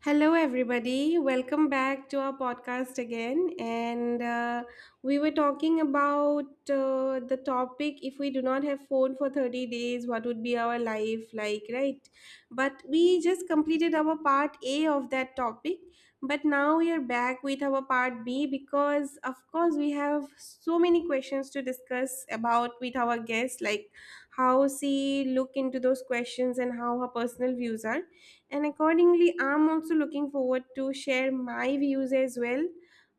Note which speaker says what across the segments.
Speaker 1: Hello, everybody. Welcome back to our podcast again. And We were talking about the topic, if we do not have phone for 30 days, what would be our life like, right? But we just completed our part A of that topic. But now we are back with our part B because, of course, we have so many questions to discuss about with our guest, like how she look into those questions and how her personal views are, and accordingly I'm also looking forward to share my views as well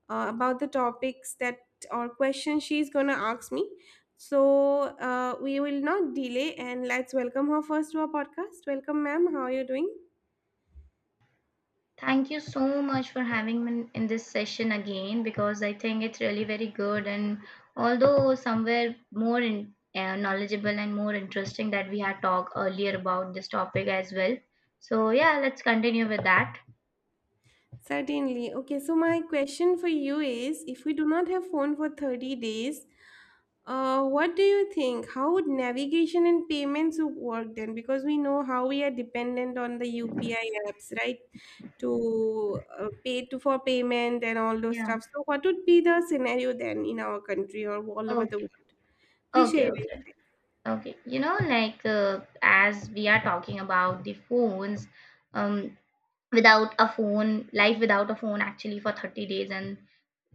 Speaker 1: about the topics that or questions she's going to ask me. so we will not delay and let's welcome her first to our podcast. Welcome, ma'am, how are you doing?
Speaker 2: Thank you so much for having me in this session again because I think it's really very good and although somewhere more in, knowledgeable and more interesting that we had talked earlier about this topic as well. So yeah, let's continue with that.
Speaker 1: Certainly. Okay, so my question for you is if we do not have phone for 30 days, what do you think? How would navigation and payments would work then? Because we know how we are dependent on the UPI apps, right? To pay to for payment and all those
Speaker 2: Yeah.
Speaker 1: stuff. So what would be the scenario then in our country or all over
Speaker 2: Okay.
Speaker 1: the world? Please share
Speaker 2: Okay.
Speaker 1: your
Speaker 2: Okay.
Speaker 1: insight.
Speaker 2: Okay. As we are talking about the phones, um, without a phone, life without a phone actually for 30 days and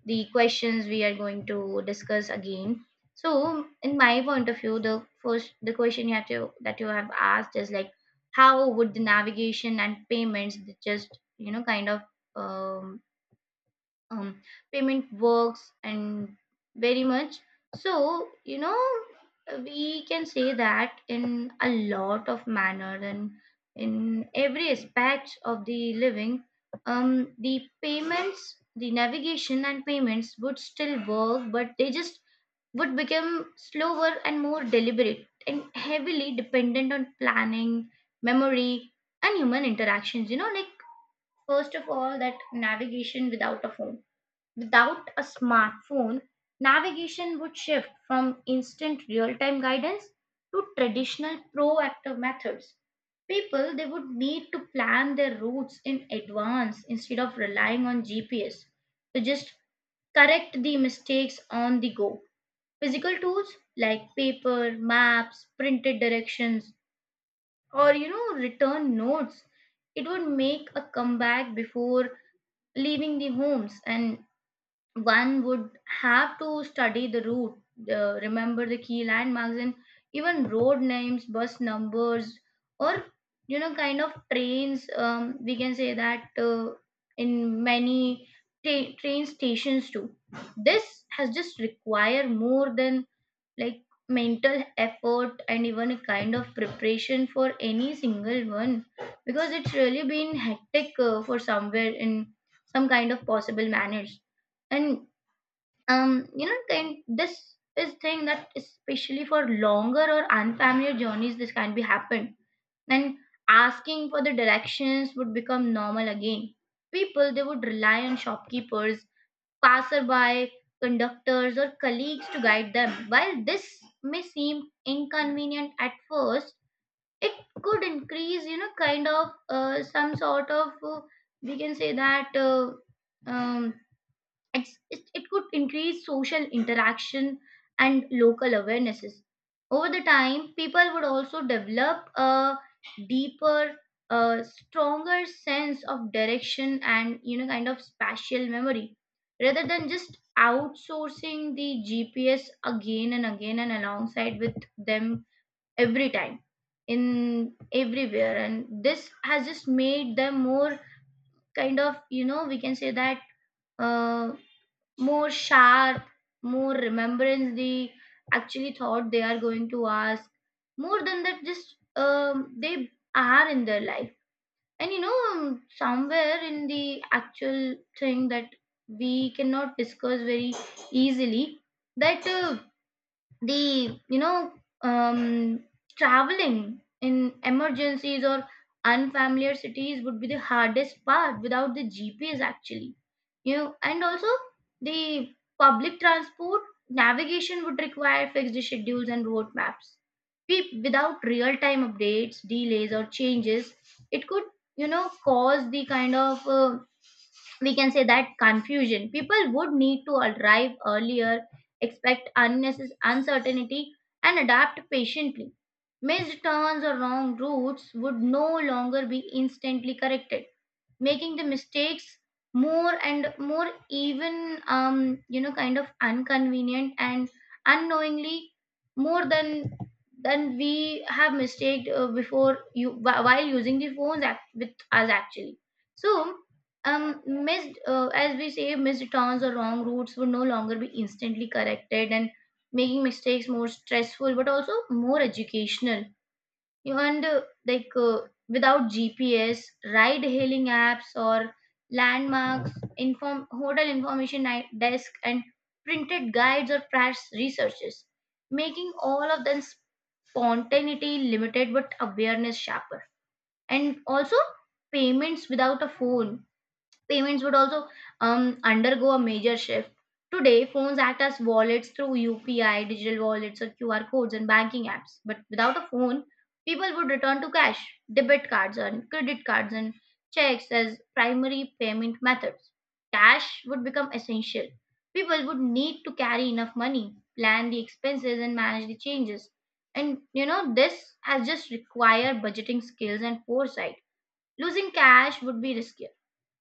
Speaker 2: the questions we are going to discuss again. So in my point of view, the question you have to that you have asked is like, how would the navigation and payments just um, um, payment works and very much. So you know, we can say that in a lot of manner and in every aspect of the living, the payments, the navigation and payments would still work, but they just would become slower and more deliberate and heavily dependent on planning, memory, and human interactions. You know, like first of all, that navigation without a phone. Without a smartphone, navigation would shift from instant real time guidance to traditional proactive methods. People they would need to plan their routes in advance instead of relying on GPS to just correct the mistakes on the go. Physical tools like paper, maps, printed directions, or you know, return notes, it would make a comeback before leaving the homes, and one would have to study the route, remember the key landmarks, and even road names, bus numbers, or you know, kind of trains. We can say that in many train stations too. This has just require more than like mental effort and even a kind of preparation for any single one, because it's really been hectic for somewhere in some kind of possible manners. And you know kind this is thing that especially for longer or unfamiliar journeys, this can be happened. And asking for the directions would become normal again. People they would rely on shopkeepers, passerby, conductors, or colleagues to guide them. While this may seem inconvenient at first, it could increase you know kind of some sort of we can say that um, it's, it could increase social interaction and local awarenesses. Over the time, people would also develop a deeper, a stronger sense of direction and you know kind of spatial memory, rather than just outsourcing the gps again and again and alongside with them every time in everywhere. And this has just made them more kind of you know we can say that uh, more sharp, more remembrance they actually thought they are going to ask. More than that, just they are in their life. And you know, somewhere in the actual thing that we cannot discuss very easily, that the you know um, traveling in emergencies or unfamiliar cities would be the hardest part without the gps actually. You know, and also the public transport navigation would require fixed schedules and road maps. Without real time updates, delays or changes, it could, you know, cause the kind of we can say that confusion. People would need to arrive earlier, expect unnecessary uncertainty, and adapt patiently. Missed turns or wrong routes would no longer be instantly corrected, making the mistakes more and more even inconvenient and unknowingly more than we have mistake before you while using the phones act with us actually. So missed, as we say, missed turns or wrong routes would no longer be instantly corrected, and making mistakes more stressful but also more educational. And like uh, without gps, ride hailing apps, or landmarks, inform hotel information desk and printed guides or price researches, making all of them spontaneity limited but awareness sharper. And also, payments without a phone. Payments would also undergo a major shift. Today, phones act as wallets through UPI, digital wallets, or QR codes and banking apps. But without a phone, people would return to cash, debit cards, and credit cards and checks as primary payment methods. Cash would become essential. People would need to carry enough money, plan the expenses, and manage the changes. And you know, this has just required budgeting skills and foresight. Losing cash would be riskier,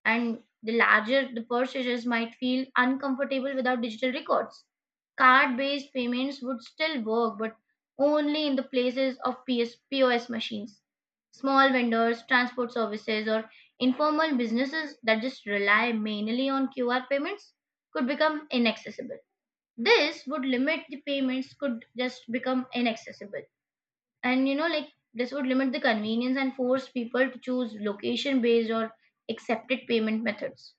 Speaker 2: and the larger the purchases might feel uncomfortable without digital records. Card based payments would still work, but only in the places of PSPOS machines. Small vendors, transport services, or informal businesses that just rely mainly on QR payments could become inaccessible. This would limit the payments, could just become inaccessible. And you know, like this would limit the convenience and force people to choose location based or accepted payment methods.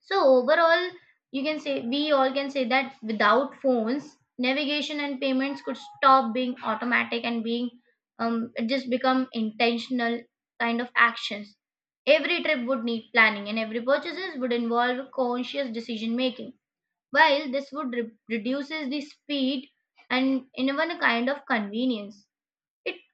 Speaker 2: So overall, you can say, we all can say that without phones, navigation and payments could stop being automatic and being just become intentional kind of actions. Every trip would need planning, and every purchases would involve conscious decision making. While this would reduces the speed and in even a kind of convenience,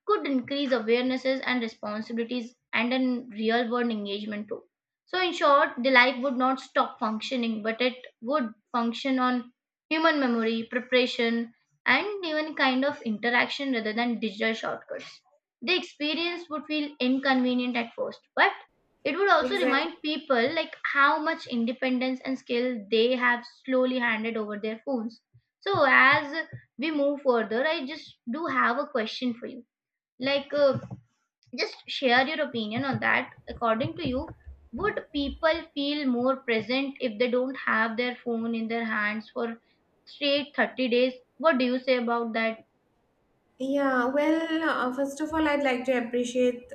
Speaker 2: it could increase awarenesses and responsibilities and in real world engagement too. So, in short, the life would not stop functioning, but it would function on human memory, preparation, and even kind of interaction rather than digital shortcuts. The experience would feel inconvenient at first, but it would also
Speaker 1: Exactly.
Speaker 2: remind people like how much independence and skill they have slowly handed over their phones. So, as we move further, I just do have a question for you, like uh, just share your opinion on that. According to you, would people feel more present if they don't have their phone in their hands for straight 30 days? What do you say about that?
Speaker 1: First of all, I'd like to appreciate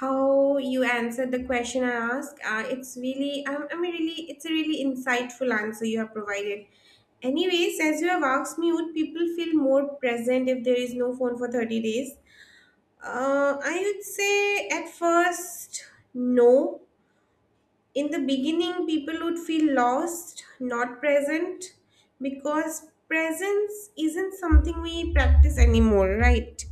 Speaker 1: how you answered the question I asked. It's really, I'm really, it's a really insightful answer you have provided. Anyways, as you have asked me, would people feel more present if there is no phone for 30 days? I would say at first, no. In the beginning, people would feel lost, not present, because presence isn't something we practice anymore, right?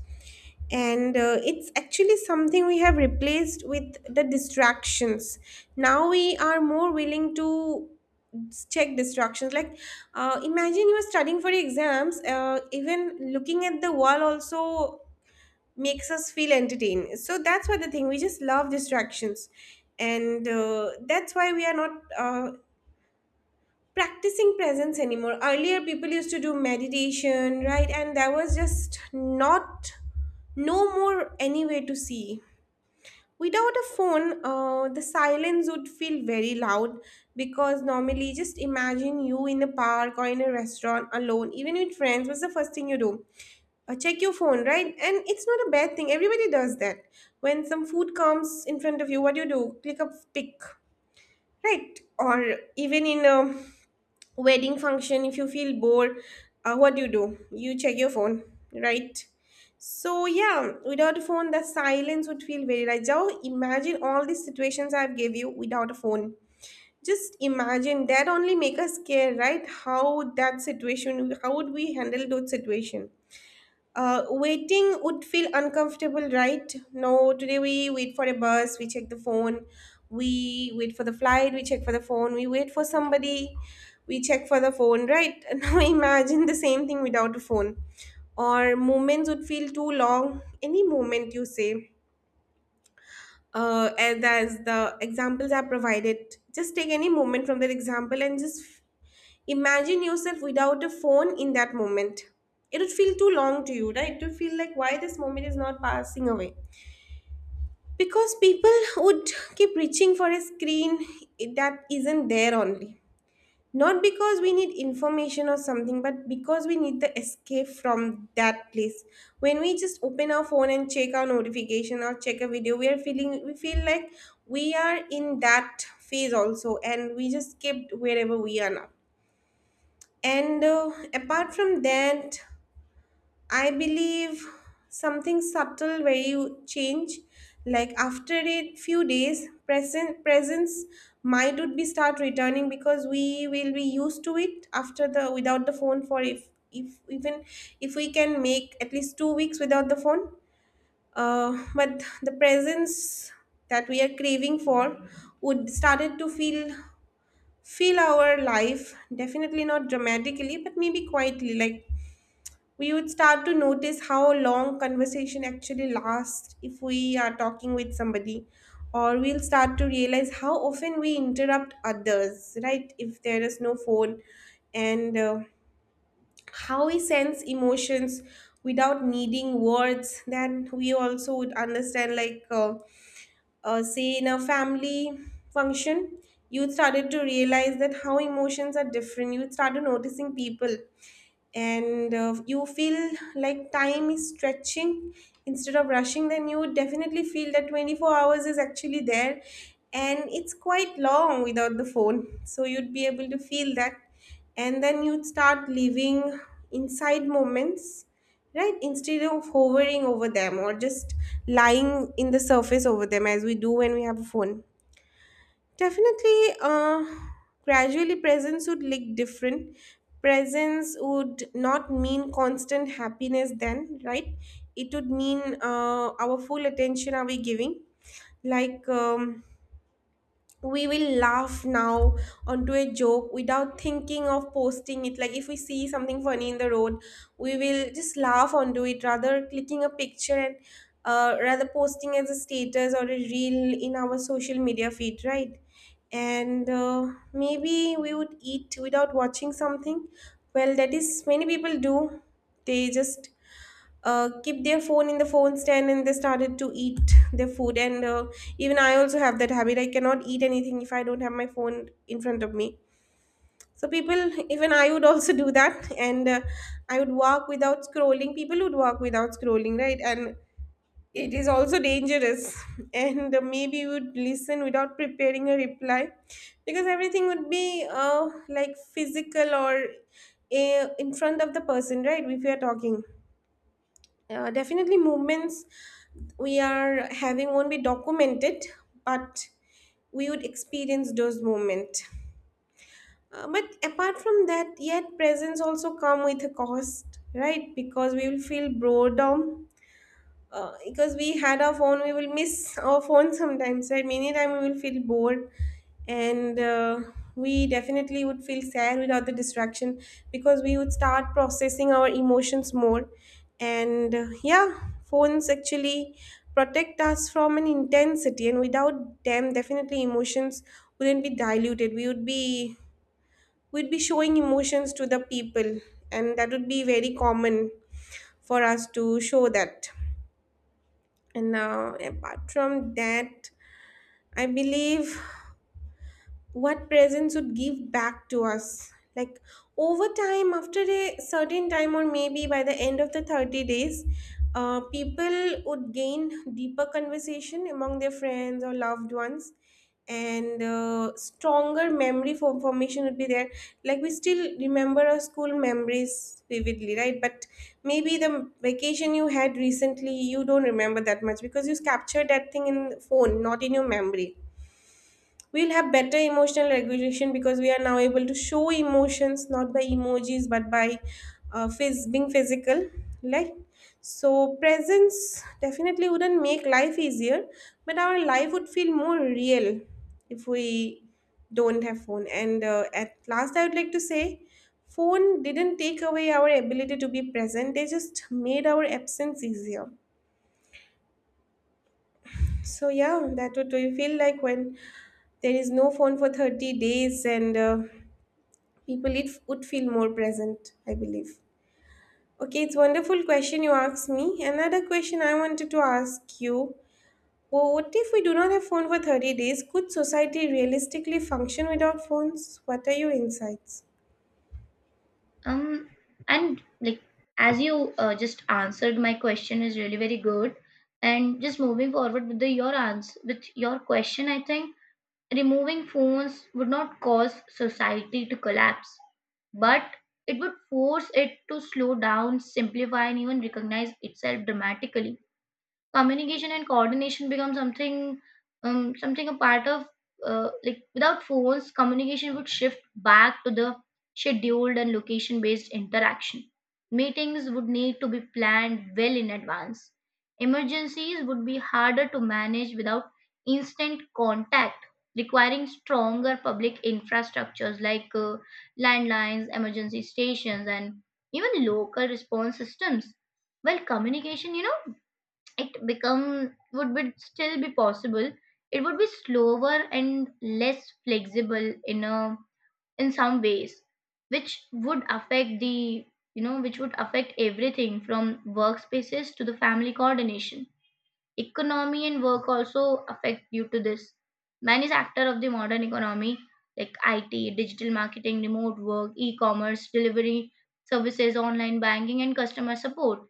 Speaker 1: and It's actually something we have replaced with the distractions. Now we are more willing to check distractions, like, imagine you are studying for exams, even looking at the wall also makes us feel entertained. So that's what the thing, we just love distractions. And That's why we are not practicing presence anymore. Earlier, people used to do meditation, right? And there was just not, no more any way to see. Without a phone, the silence would feel very loud because normally, just imagine you in a park or in a restaurant alone, even with friends. What's the first thing you do? Check your phone, right? And it's not a bad thing. Everybody does that. When some food comes in front of you, what do you do? Click a pic, right? Or even in a wedding function, if you feel bored, what do you do? You check your phone, right? So yeah, without a phone the silence would feel very. Right now imagine all these situations I've gave you without a phone. Just imagine that, only make us care, right? How that situation, how would we handle those situation? Waiting would feel uncomfortable, right? No, today we wait for a bus, we check the phone, we wait for the flight, we check for the phone, we wait for somebody, we check for the phone, right? Now imagine the same thing without a phone. Or moments would feel too long. Any moment you say, as the examples are provided, just take any moment from that example and just imagine yourself without a phone in that moment. It would feel too long to you, right? It would feel like why this moment is not passing away. Because people would keep reaching for a screen that isn't there only. Not because we need information or something, but because we need the escape from that place. When we just open our phone and check our notification or check a video, we are feeling, we feel like we are in that phase also and we just skipped wherever we are now. And Apart from that, I believe something subtle where you change, like after a few days, present presence might would be start returning because we will be used to it after the without the phone for, if even if we can make at least 2 weeks without the phone. But the presence that we are craving for would started to feel our life, definitely not dramatically, but maybe quietly. Like, we would start to notice how long conversation actually lasts if we are talking with somebody, or we'll start to realize how often we interrupt others, right, if there is no phone. And How we sense emotions without needing words, then we also would understand, like, say in a family function, youth started to realize that how emotions are different, youth started noticing people. And You feel like time is stretching instead of rushing, then you would definitely feel that 24 hours is actually there and it's quite long without the phone. So you'd be able to feel that. And then you'd start living inside moments, right? Instead of hovering over them or just lying in the surface over them as we do when we have a phone. Definitely, gradually presence would look different. Presence would not mean constant happiness then, right? It would mean, our full attention are we giving? Like, we will laugh now onto a joke without thinking of posting it. Like, if we see something funny in the road, we will just laugh onto it rather clicking a picture, and rather posting as a status or a reel in our social media feed, right? and Maybe we would eat without watching something. Well, that is many people do, they just keep their phone in the phone stand and they started to eat their food. And Even I also have that habit, I cannot eat anything if I don't have my phone in front of me. So people, even I would also do that. And I would walk without scrolling, people would walk without scrolling, right? And it is also dangerous. and Maybe you would listen without preparing a reply because everything would be, like, physical or in front of the person, right, if we are talking. Definitely movements we are having won't be documented, but we would experience those movement. But apart from that, yet presence also come with a cost, right? Because we will feel boredom, because we had our phone, we will miss our phone sometimes, right? Many time we will feel bored. And We definitely would feel sad without the distraction because we would start processing our emotions more. And Yeah, phones actually protect us from an intensity, and without them definitely emotions wouldn't be diluted. We would be, we'd be showing emotions to the people, and that would be very common for us to show that. And now, apart from that, I believe what presents would give back to us, like, over time, after a certain time or maybe by the end of the 30 days, people would gain deeper conversation among their friends or loved ones, and stronger memory for formation would be there. Like, we still remember our school memories vividly, right? But maybe the vacation you had recently you don't remember that much because you captured that thing in the phone, not in your memory. We'll have better emotional regulation because we are now able to show emotions not by emojis but by being physical, like. So presence definitely wouldn't make life easier, but our life would feel more real if we don't have phone. And At last I would like to say, phone didn't take away our ability to be present, they just made our absence easier. So yeah, that would, do you feel like when there is no phone for 30 days, and people, it would feel more present, I believe. Okay, it's wonderful question you asked me. Another question I wanted to ask you. Well, what if we do not have phone for 30 days? Could society realistically function without phones? What are your insights?
Speaker 2: um and as you, just answered my question is really very good. And just moving forward with the your answer with your question, I think removing phones would not cause society to collapse, but it would force it to slow down, simplify, and even recognize itself dramatically. Communication and coordination become something, something a part of, like without phones, communication would shift back to the scheduled and location based interaction. Meetings would need to be planned well in advance. Emergencies would be harder to manage without instant contact, requiring stronger public infrastructures like landlines, emergency stations, and even local response systems. Well, communication, you know, it become, would be still be possible. It would be slower and less flexible in a, in some ways, which would affect everything from workspaces to the family coordination. Economy and work also affect due to this. Many sectors of the modern economy, like it, digital marketing, remote work, e-commerce delivery services, online banking, and customer support,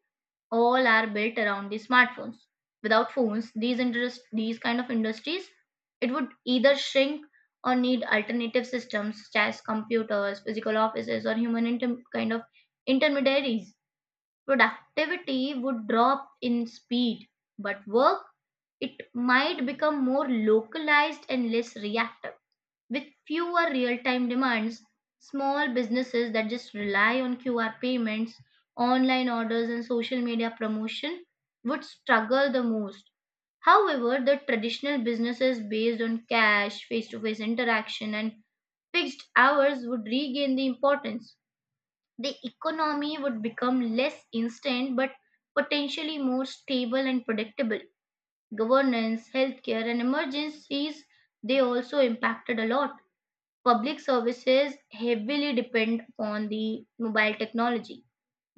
Speaker 2: all are built around the smartphones. Without phones, these interest, these kind of industries, it would either shrink or need alternative systems such as computers, physical offices, or human intermediaries. Productivity would drop in speed, but work it might become more localized and less reactive. With fewer real time demands, small businesses that just rely on QR payments, online orders, and social media promotion would struggle the most. However, the traditional businesses based on cash, face to face interaction, and fixed hours would regain the importance. The economy would become less instant but potentially more stable and predictable. Governance, healthcare, and emergencies, they also impacted a lot. Public services heavily depend on the mobile technology.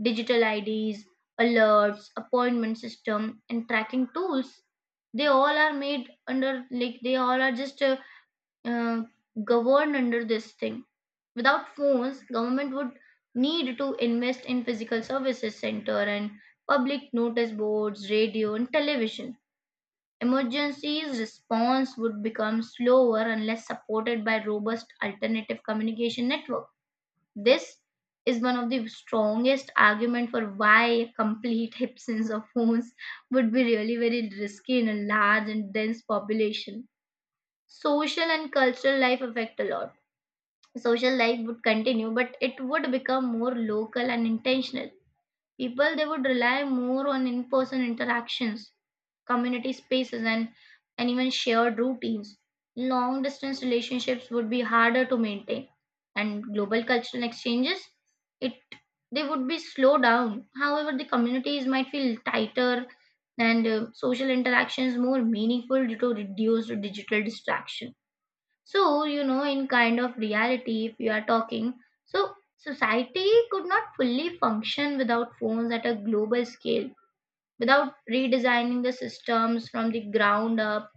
Speaker 2: Digital IDs, alerts, appointment system, and tracking tools, they all are made under, like they all are just uh, governed under this thing. Without phones, government would need to invest in physical services center and public notice boards, radio, and television. Emergency response would become slower unless supported by robust alternative communication network. This is one of the strongest argument for why a complete absence of phones would be really very risky in a large and dense population. Social and cultural life affect a lot. Social life would continue, but it would become more local and intentional. People they would rely more on in-person interactions, community spaces, and even shared routines. Long distance relationships would be harder to maintain, and global cultural exchanges, it they would be slowed down. However, the communities might feel tighter, and social interactions more meaningful due to reduced digital distraction. So, you know, in kind of reality, if you are talking, so society could not fully function without phones at a global scale without redesigning the systems from the ground up.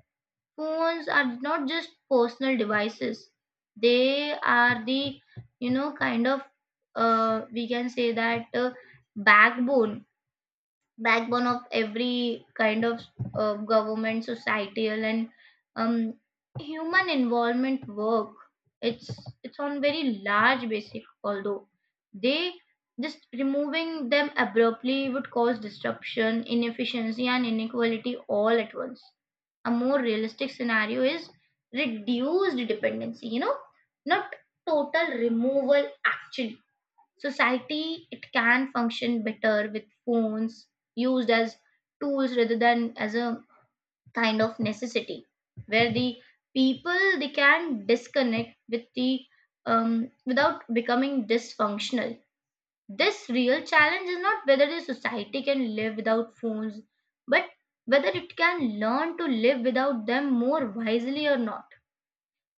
Speaker 2: Phones are not just personal devices, they are the, you know, kind of, we can say that backbone backbone of every kind of government societal and um, human involvement work it's it's on very large basic although they just removing them abruptly would cause disruption inefficiency and inequality all at once. A more realistic scenario is reduced dependency, not total removal actually. Society it can function better with phones used as tools rather than as a kind of necessity where the people they can disconnect with the without becoming dysfunctional. This real challenge is not whether the society can live without phones but whether it can learn to live without them more wisely or not.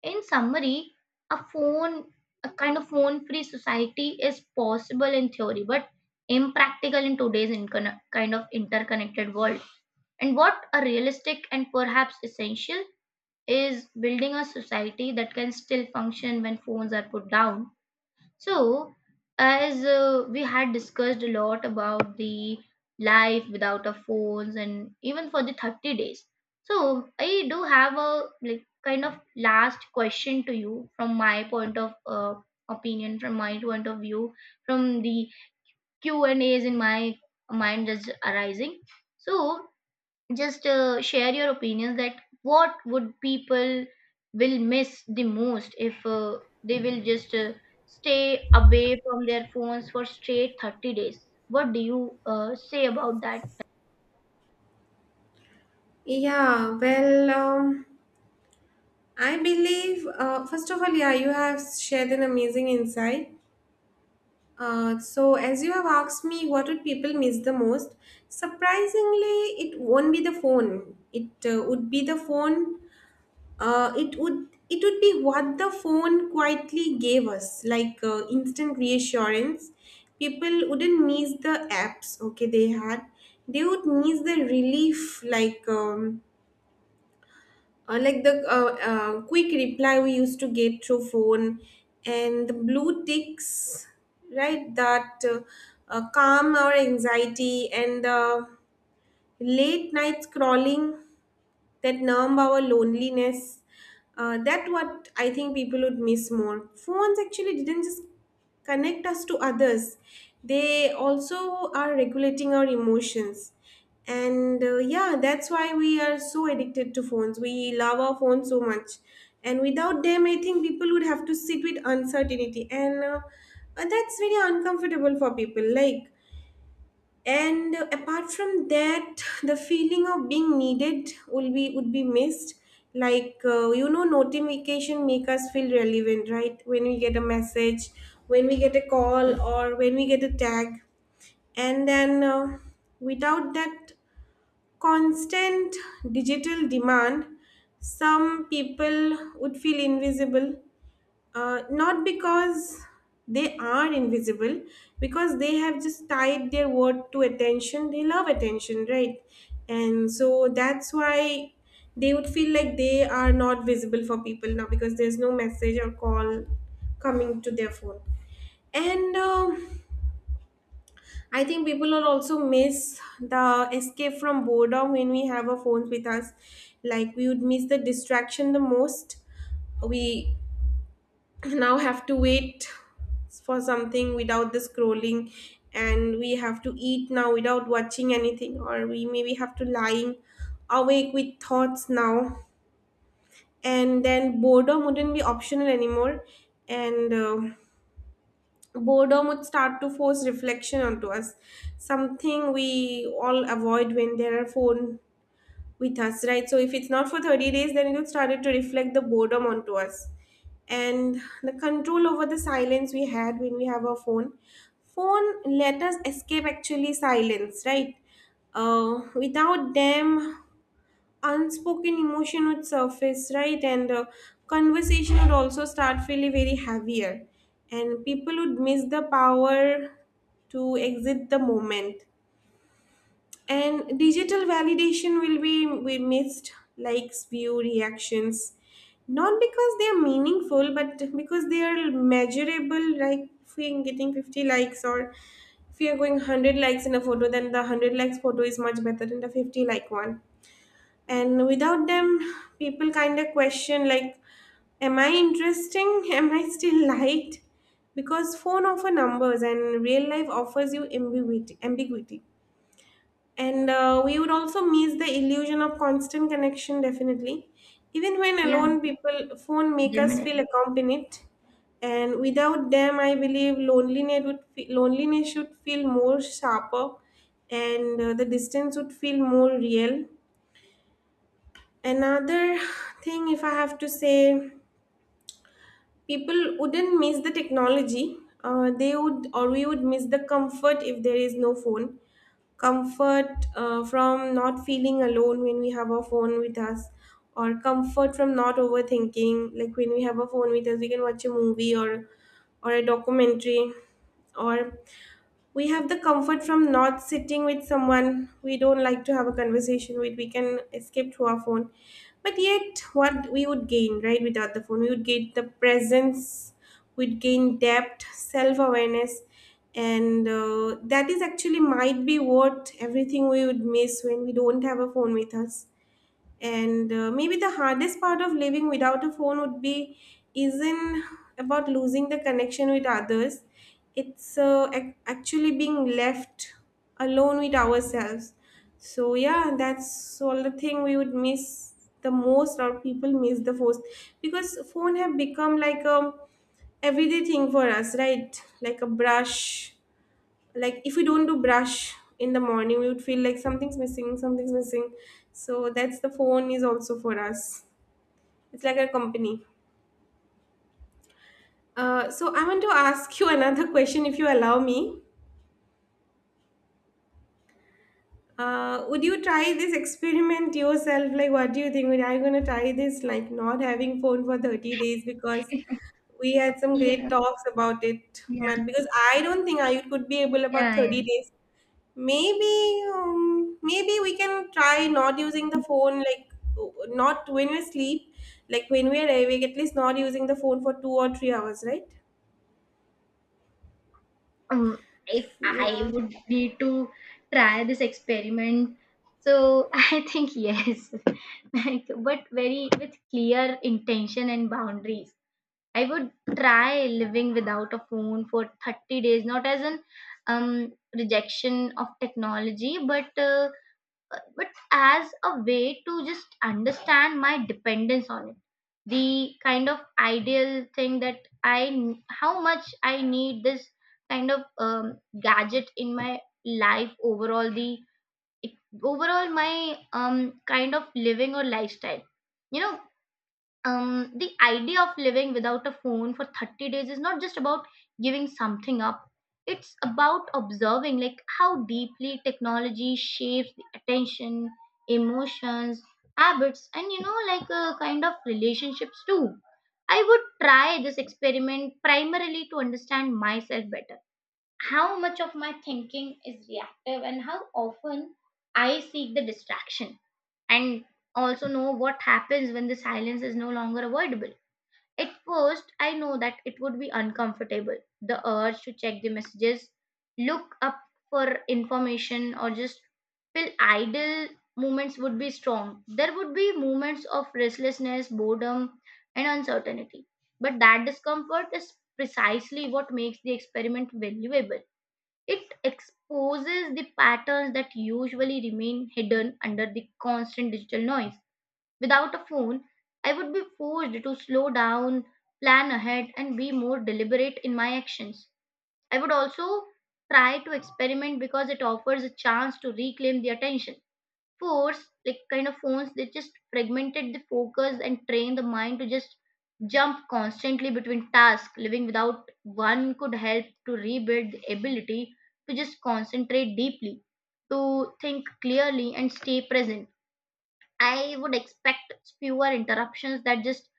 Speaker 2: In summary, a phone, a kind of phone free society is possible in theory, but impractical in today's kind of interconnected world. And what a realistic and perhaps essential is building a society that can still function when phones are put down. So, as we had discussed a lot about the life without our phones and even for the 30 days. So, I do have a like kind of last question to you from my point of opinion, from my point of view, from the Q and A's in my mind that's arising. So, just share your opinions that what would people will miss the most if they will just stay away from their phones for straight 30 days. What do you say about that?
Speaker 1: Yeah, well, um, I believe, first of all, yeah, you have shared an amazing insight. So, as you have asked me, what would people miss the most? Surprisingly, it won't be the phone. It would be the phone. It would be what the phone quietly gave us, like, instant reassurance. People wouldn't miss the apps, okay, they had. They would miss the relief, like. Like the, quick reply we used to get through phone, and the blue ticks, right, that calm our anxiety, and the late night scrolling that numb our loneliness. That what I think people would miss more. Phones actually didn't just connect us to others; they also are regulating our emotions. And Yeah, that's why we are so addicted to phones. We love our phones so much, and without them, I think people would have to sit with uncertainty, and that's very uncomfortable for people. Like and apart from that, the feeling of being needed will be would be missed. Like notification make us feel relevant, right? When we get a message, when we get a call, or when we get a tag, and then without that constant digital demand, some people would feel invisible, not because they are invisible, because they have just tied their word to attention. They love attention, right? And so that's why they would feel like they are not visible for people now, because there's no message or call coming to their phone. And I think people will also miss the escape from boredom when we have our phones with us. Like, we would miss the distraction the most. We now have to wait for something without the scrolling, and we have to eat now without watching anything, or we maybe have to lying awake with thoughts now, and then boredom wouldn't be optional anymore, and boredom would start to force reflection onto us, something we all avoid when there are phone with us, right? So if it's not for 30 days, then it will started to reflect the boredom onto us. And the control over the silence we had when we have our phone. Phone let us escape actually silence, right? Without them, unspoken emotion would surface, right? And Conversation would also start feeling very heavier. And people would miss the power to exit the moment, and digital validation will be we missed likes, view, reactions, not because they are meaningful, but because they are measurable. Like if we're getting 50 likes, or if we are going 100 likes in a photo, then the 100 likes photo is much better than the 50 like one. And without them, people kind of question like, am I interesting? Am I still liked? Because phone offer numbers and real life offers you ambiguity. And We would also miss the illusion of constant connection, definitely. Even when
Speaker 2: Yeah,
Speaker 1: alone, people phone make us
Speaker 2: definitely.
Speaker 1: feel accompanied, and without them, I believe loneliness should feel more sharper, and the distance would feel more real. Another thing, if I have to say, people wouldn't miss the technology. They would or We would miss the comfort if there is no phone, comfort from not feeling alone when we have our phone with us, or comfort from not overthinking, like when we have a phone with us we can watch a movie or a documentary, or we have the comfort from not sitting with someone we don't like to have a conversation with. We can escape through our phone. But yet, what we would gain right without the phone, we would gain the presence. We'd gain depth, self-awareness, and that is actually might be what everything we would miss when we don't have a phone with us. And maybe the hardest part of living without a phone would be isn't about losing the connection with others. It's actually being left alone with ourselves. So yeah, that's all the thing we would miss the most, or people miss the most, because phone have become like a everyday thing for us, right? Like a brush. Like if we don't do brush in the morning, we would feel like something's missing, something's missing. So that's the phone is also for us. It's like a company. So I want to ask you another question, if you allow me. Would you try this experiment yourself? Like, what do you think? Would I gonna try this, like not having phone for 30 days? Because we had some
Speaker 2: You
Speaker 1: great
Speaker 2: know,
Speaker 1: talks about it,
Speaker 2: yeah,
Speaker 1: man, because I don't think I could be able about
Speaker 2: yeah, yeah.
Speaker 1: 30 days. Maybe, maybe we can try not using the phone, like not when we sleep, like when we are awake, at least not using the phone for 2 or 3 hours, right?
Speaker 2: um, if I
Speaker 1: Yeah.
Speaker 2: would need to try this experiment, so I think yes, like but very with clear intention and boundaries. I would try living without a phone for 30 days, not as an rejection of technology, but as a way to just understand my dependence on it. The kind of ideal thing that I, how much I need this kind of gadget in my life overall. The overall my kind of living or lifestyle. You know, the idea of living without a phone for 30 days is not just about giving something up. It's about observing like how deeply technology shapes the attention, emotions, habits, and you know like a kind of relationships too. I would try this experiment primarily to understand myself better, how much of my thinking is reactive and how often I seek the distraction, and also know what happens when the silence is no longer avoidable. At first, I know that it would be uncomfortable. The urge to check the messages, look up for information, or just feel idle moments would be strong. There would be moments of restlessness, boredom, and uncertainty. But that discomfort is precisely what makes the experiment valuable. It exposes the patterns that usually remain hidden under the constant digital noise. Without a phone, I would be forced to slow down, plan ahead, and be more deliberate in my actions. I would also try to experiment because it offers a chance to reclaim the attention. Force, like kind of phones, they just fragmented the focus and train the mind to just jump constantly between tasks. Living without one could help to rebuild the ability to just concentrate deeply, to think clearly, and stay present. I would expect fewer interruptions, that just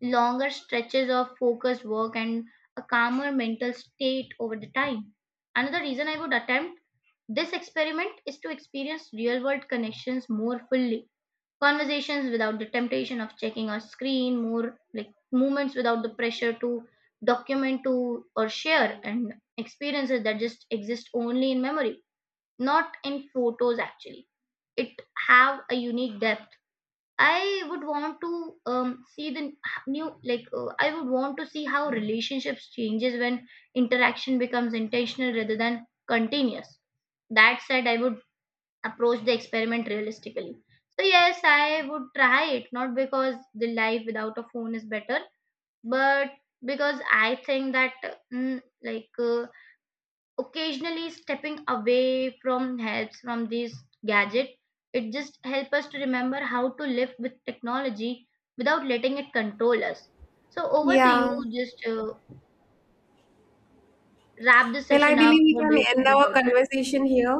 Speaker 2: longer stretches of focused work and a calmer mental state over the time. Another reason I would attempt this experiment is to experience real world connections more fully. Conversations without the temptation of checking a screen, more like movements without the pressure to document to or share, and experiences that just exist only in memory, not in photos actually. It have a unique depth. I would want to see the new like I would want to see how relationships changes when interaction becomes intentional rather than continuous. That said, I would approach the experiment realistically. So yes, I would try it not because the life without a phone is better, but because I think that mm, like uh, occasionally stepping away from helps from this gadget, it just helps us to remember how to live with technology without letting it control us. So over to you,
Speaker 1: Yeah.
Speaker 2: just wrap this
Speaker 1: Well, I
Speaker 2: session up.
Speaker 1: believe we
Speaker 2: What do
Speaker 1: can
Speaker 2: you
Speaker 1: end
Speaker 2: think
Speaker 1: our
Speaker 2: about that?
Speaker 1: conversation here.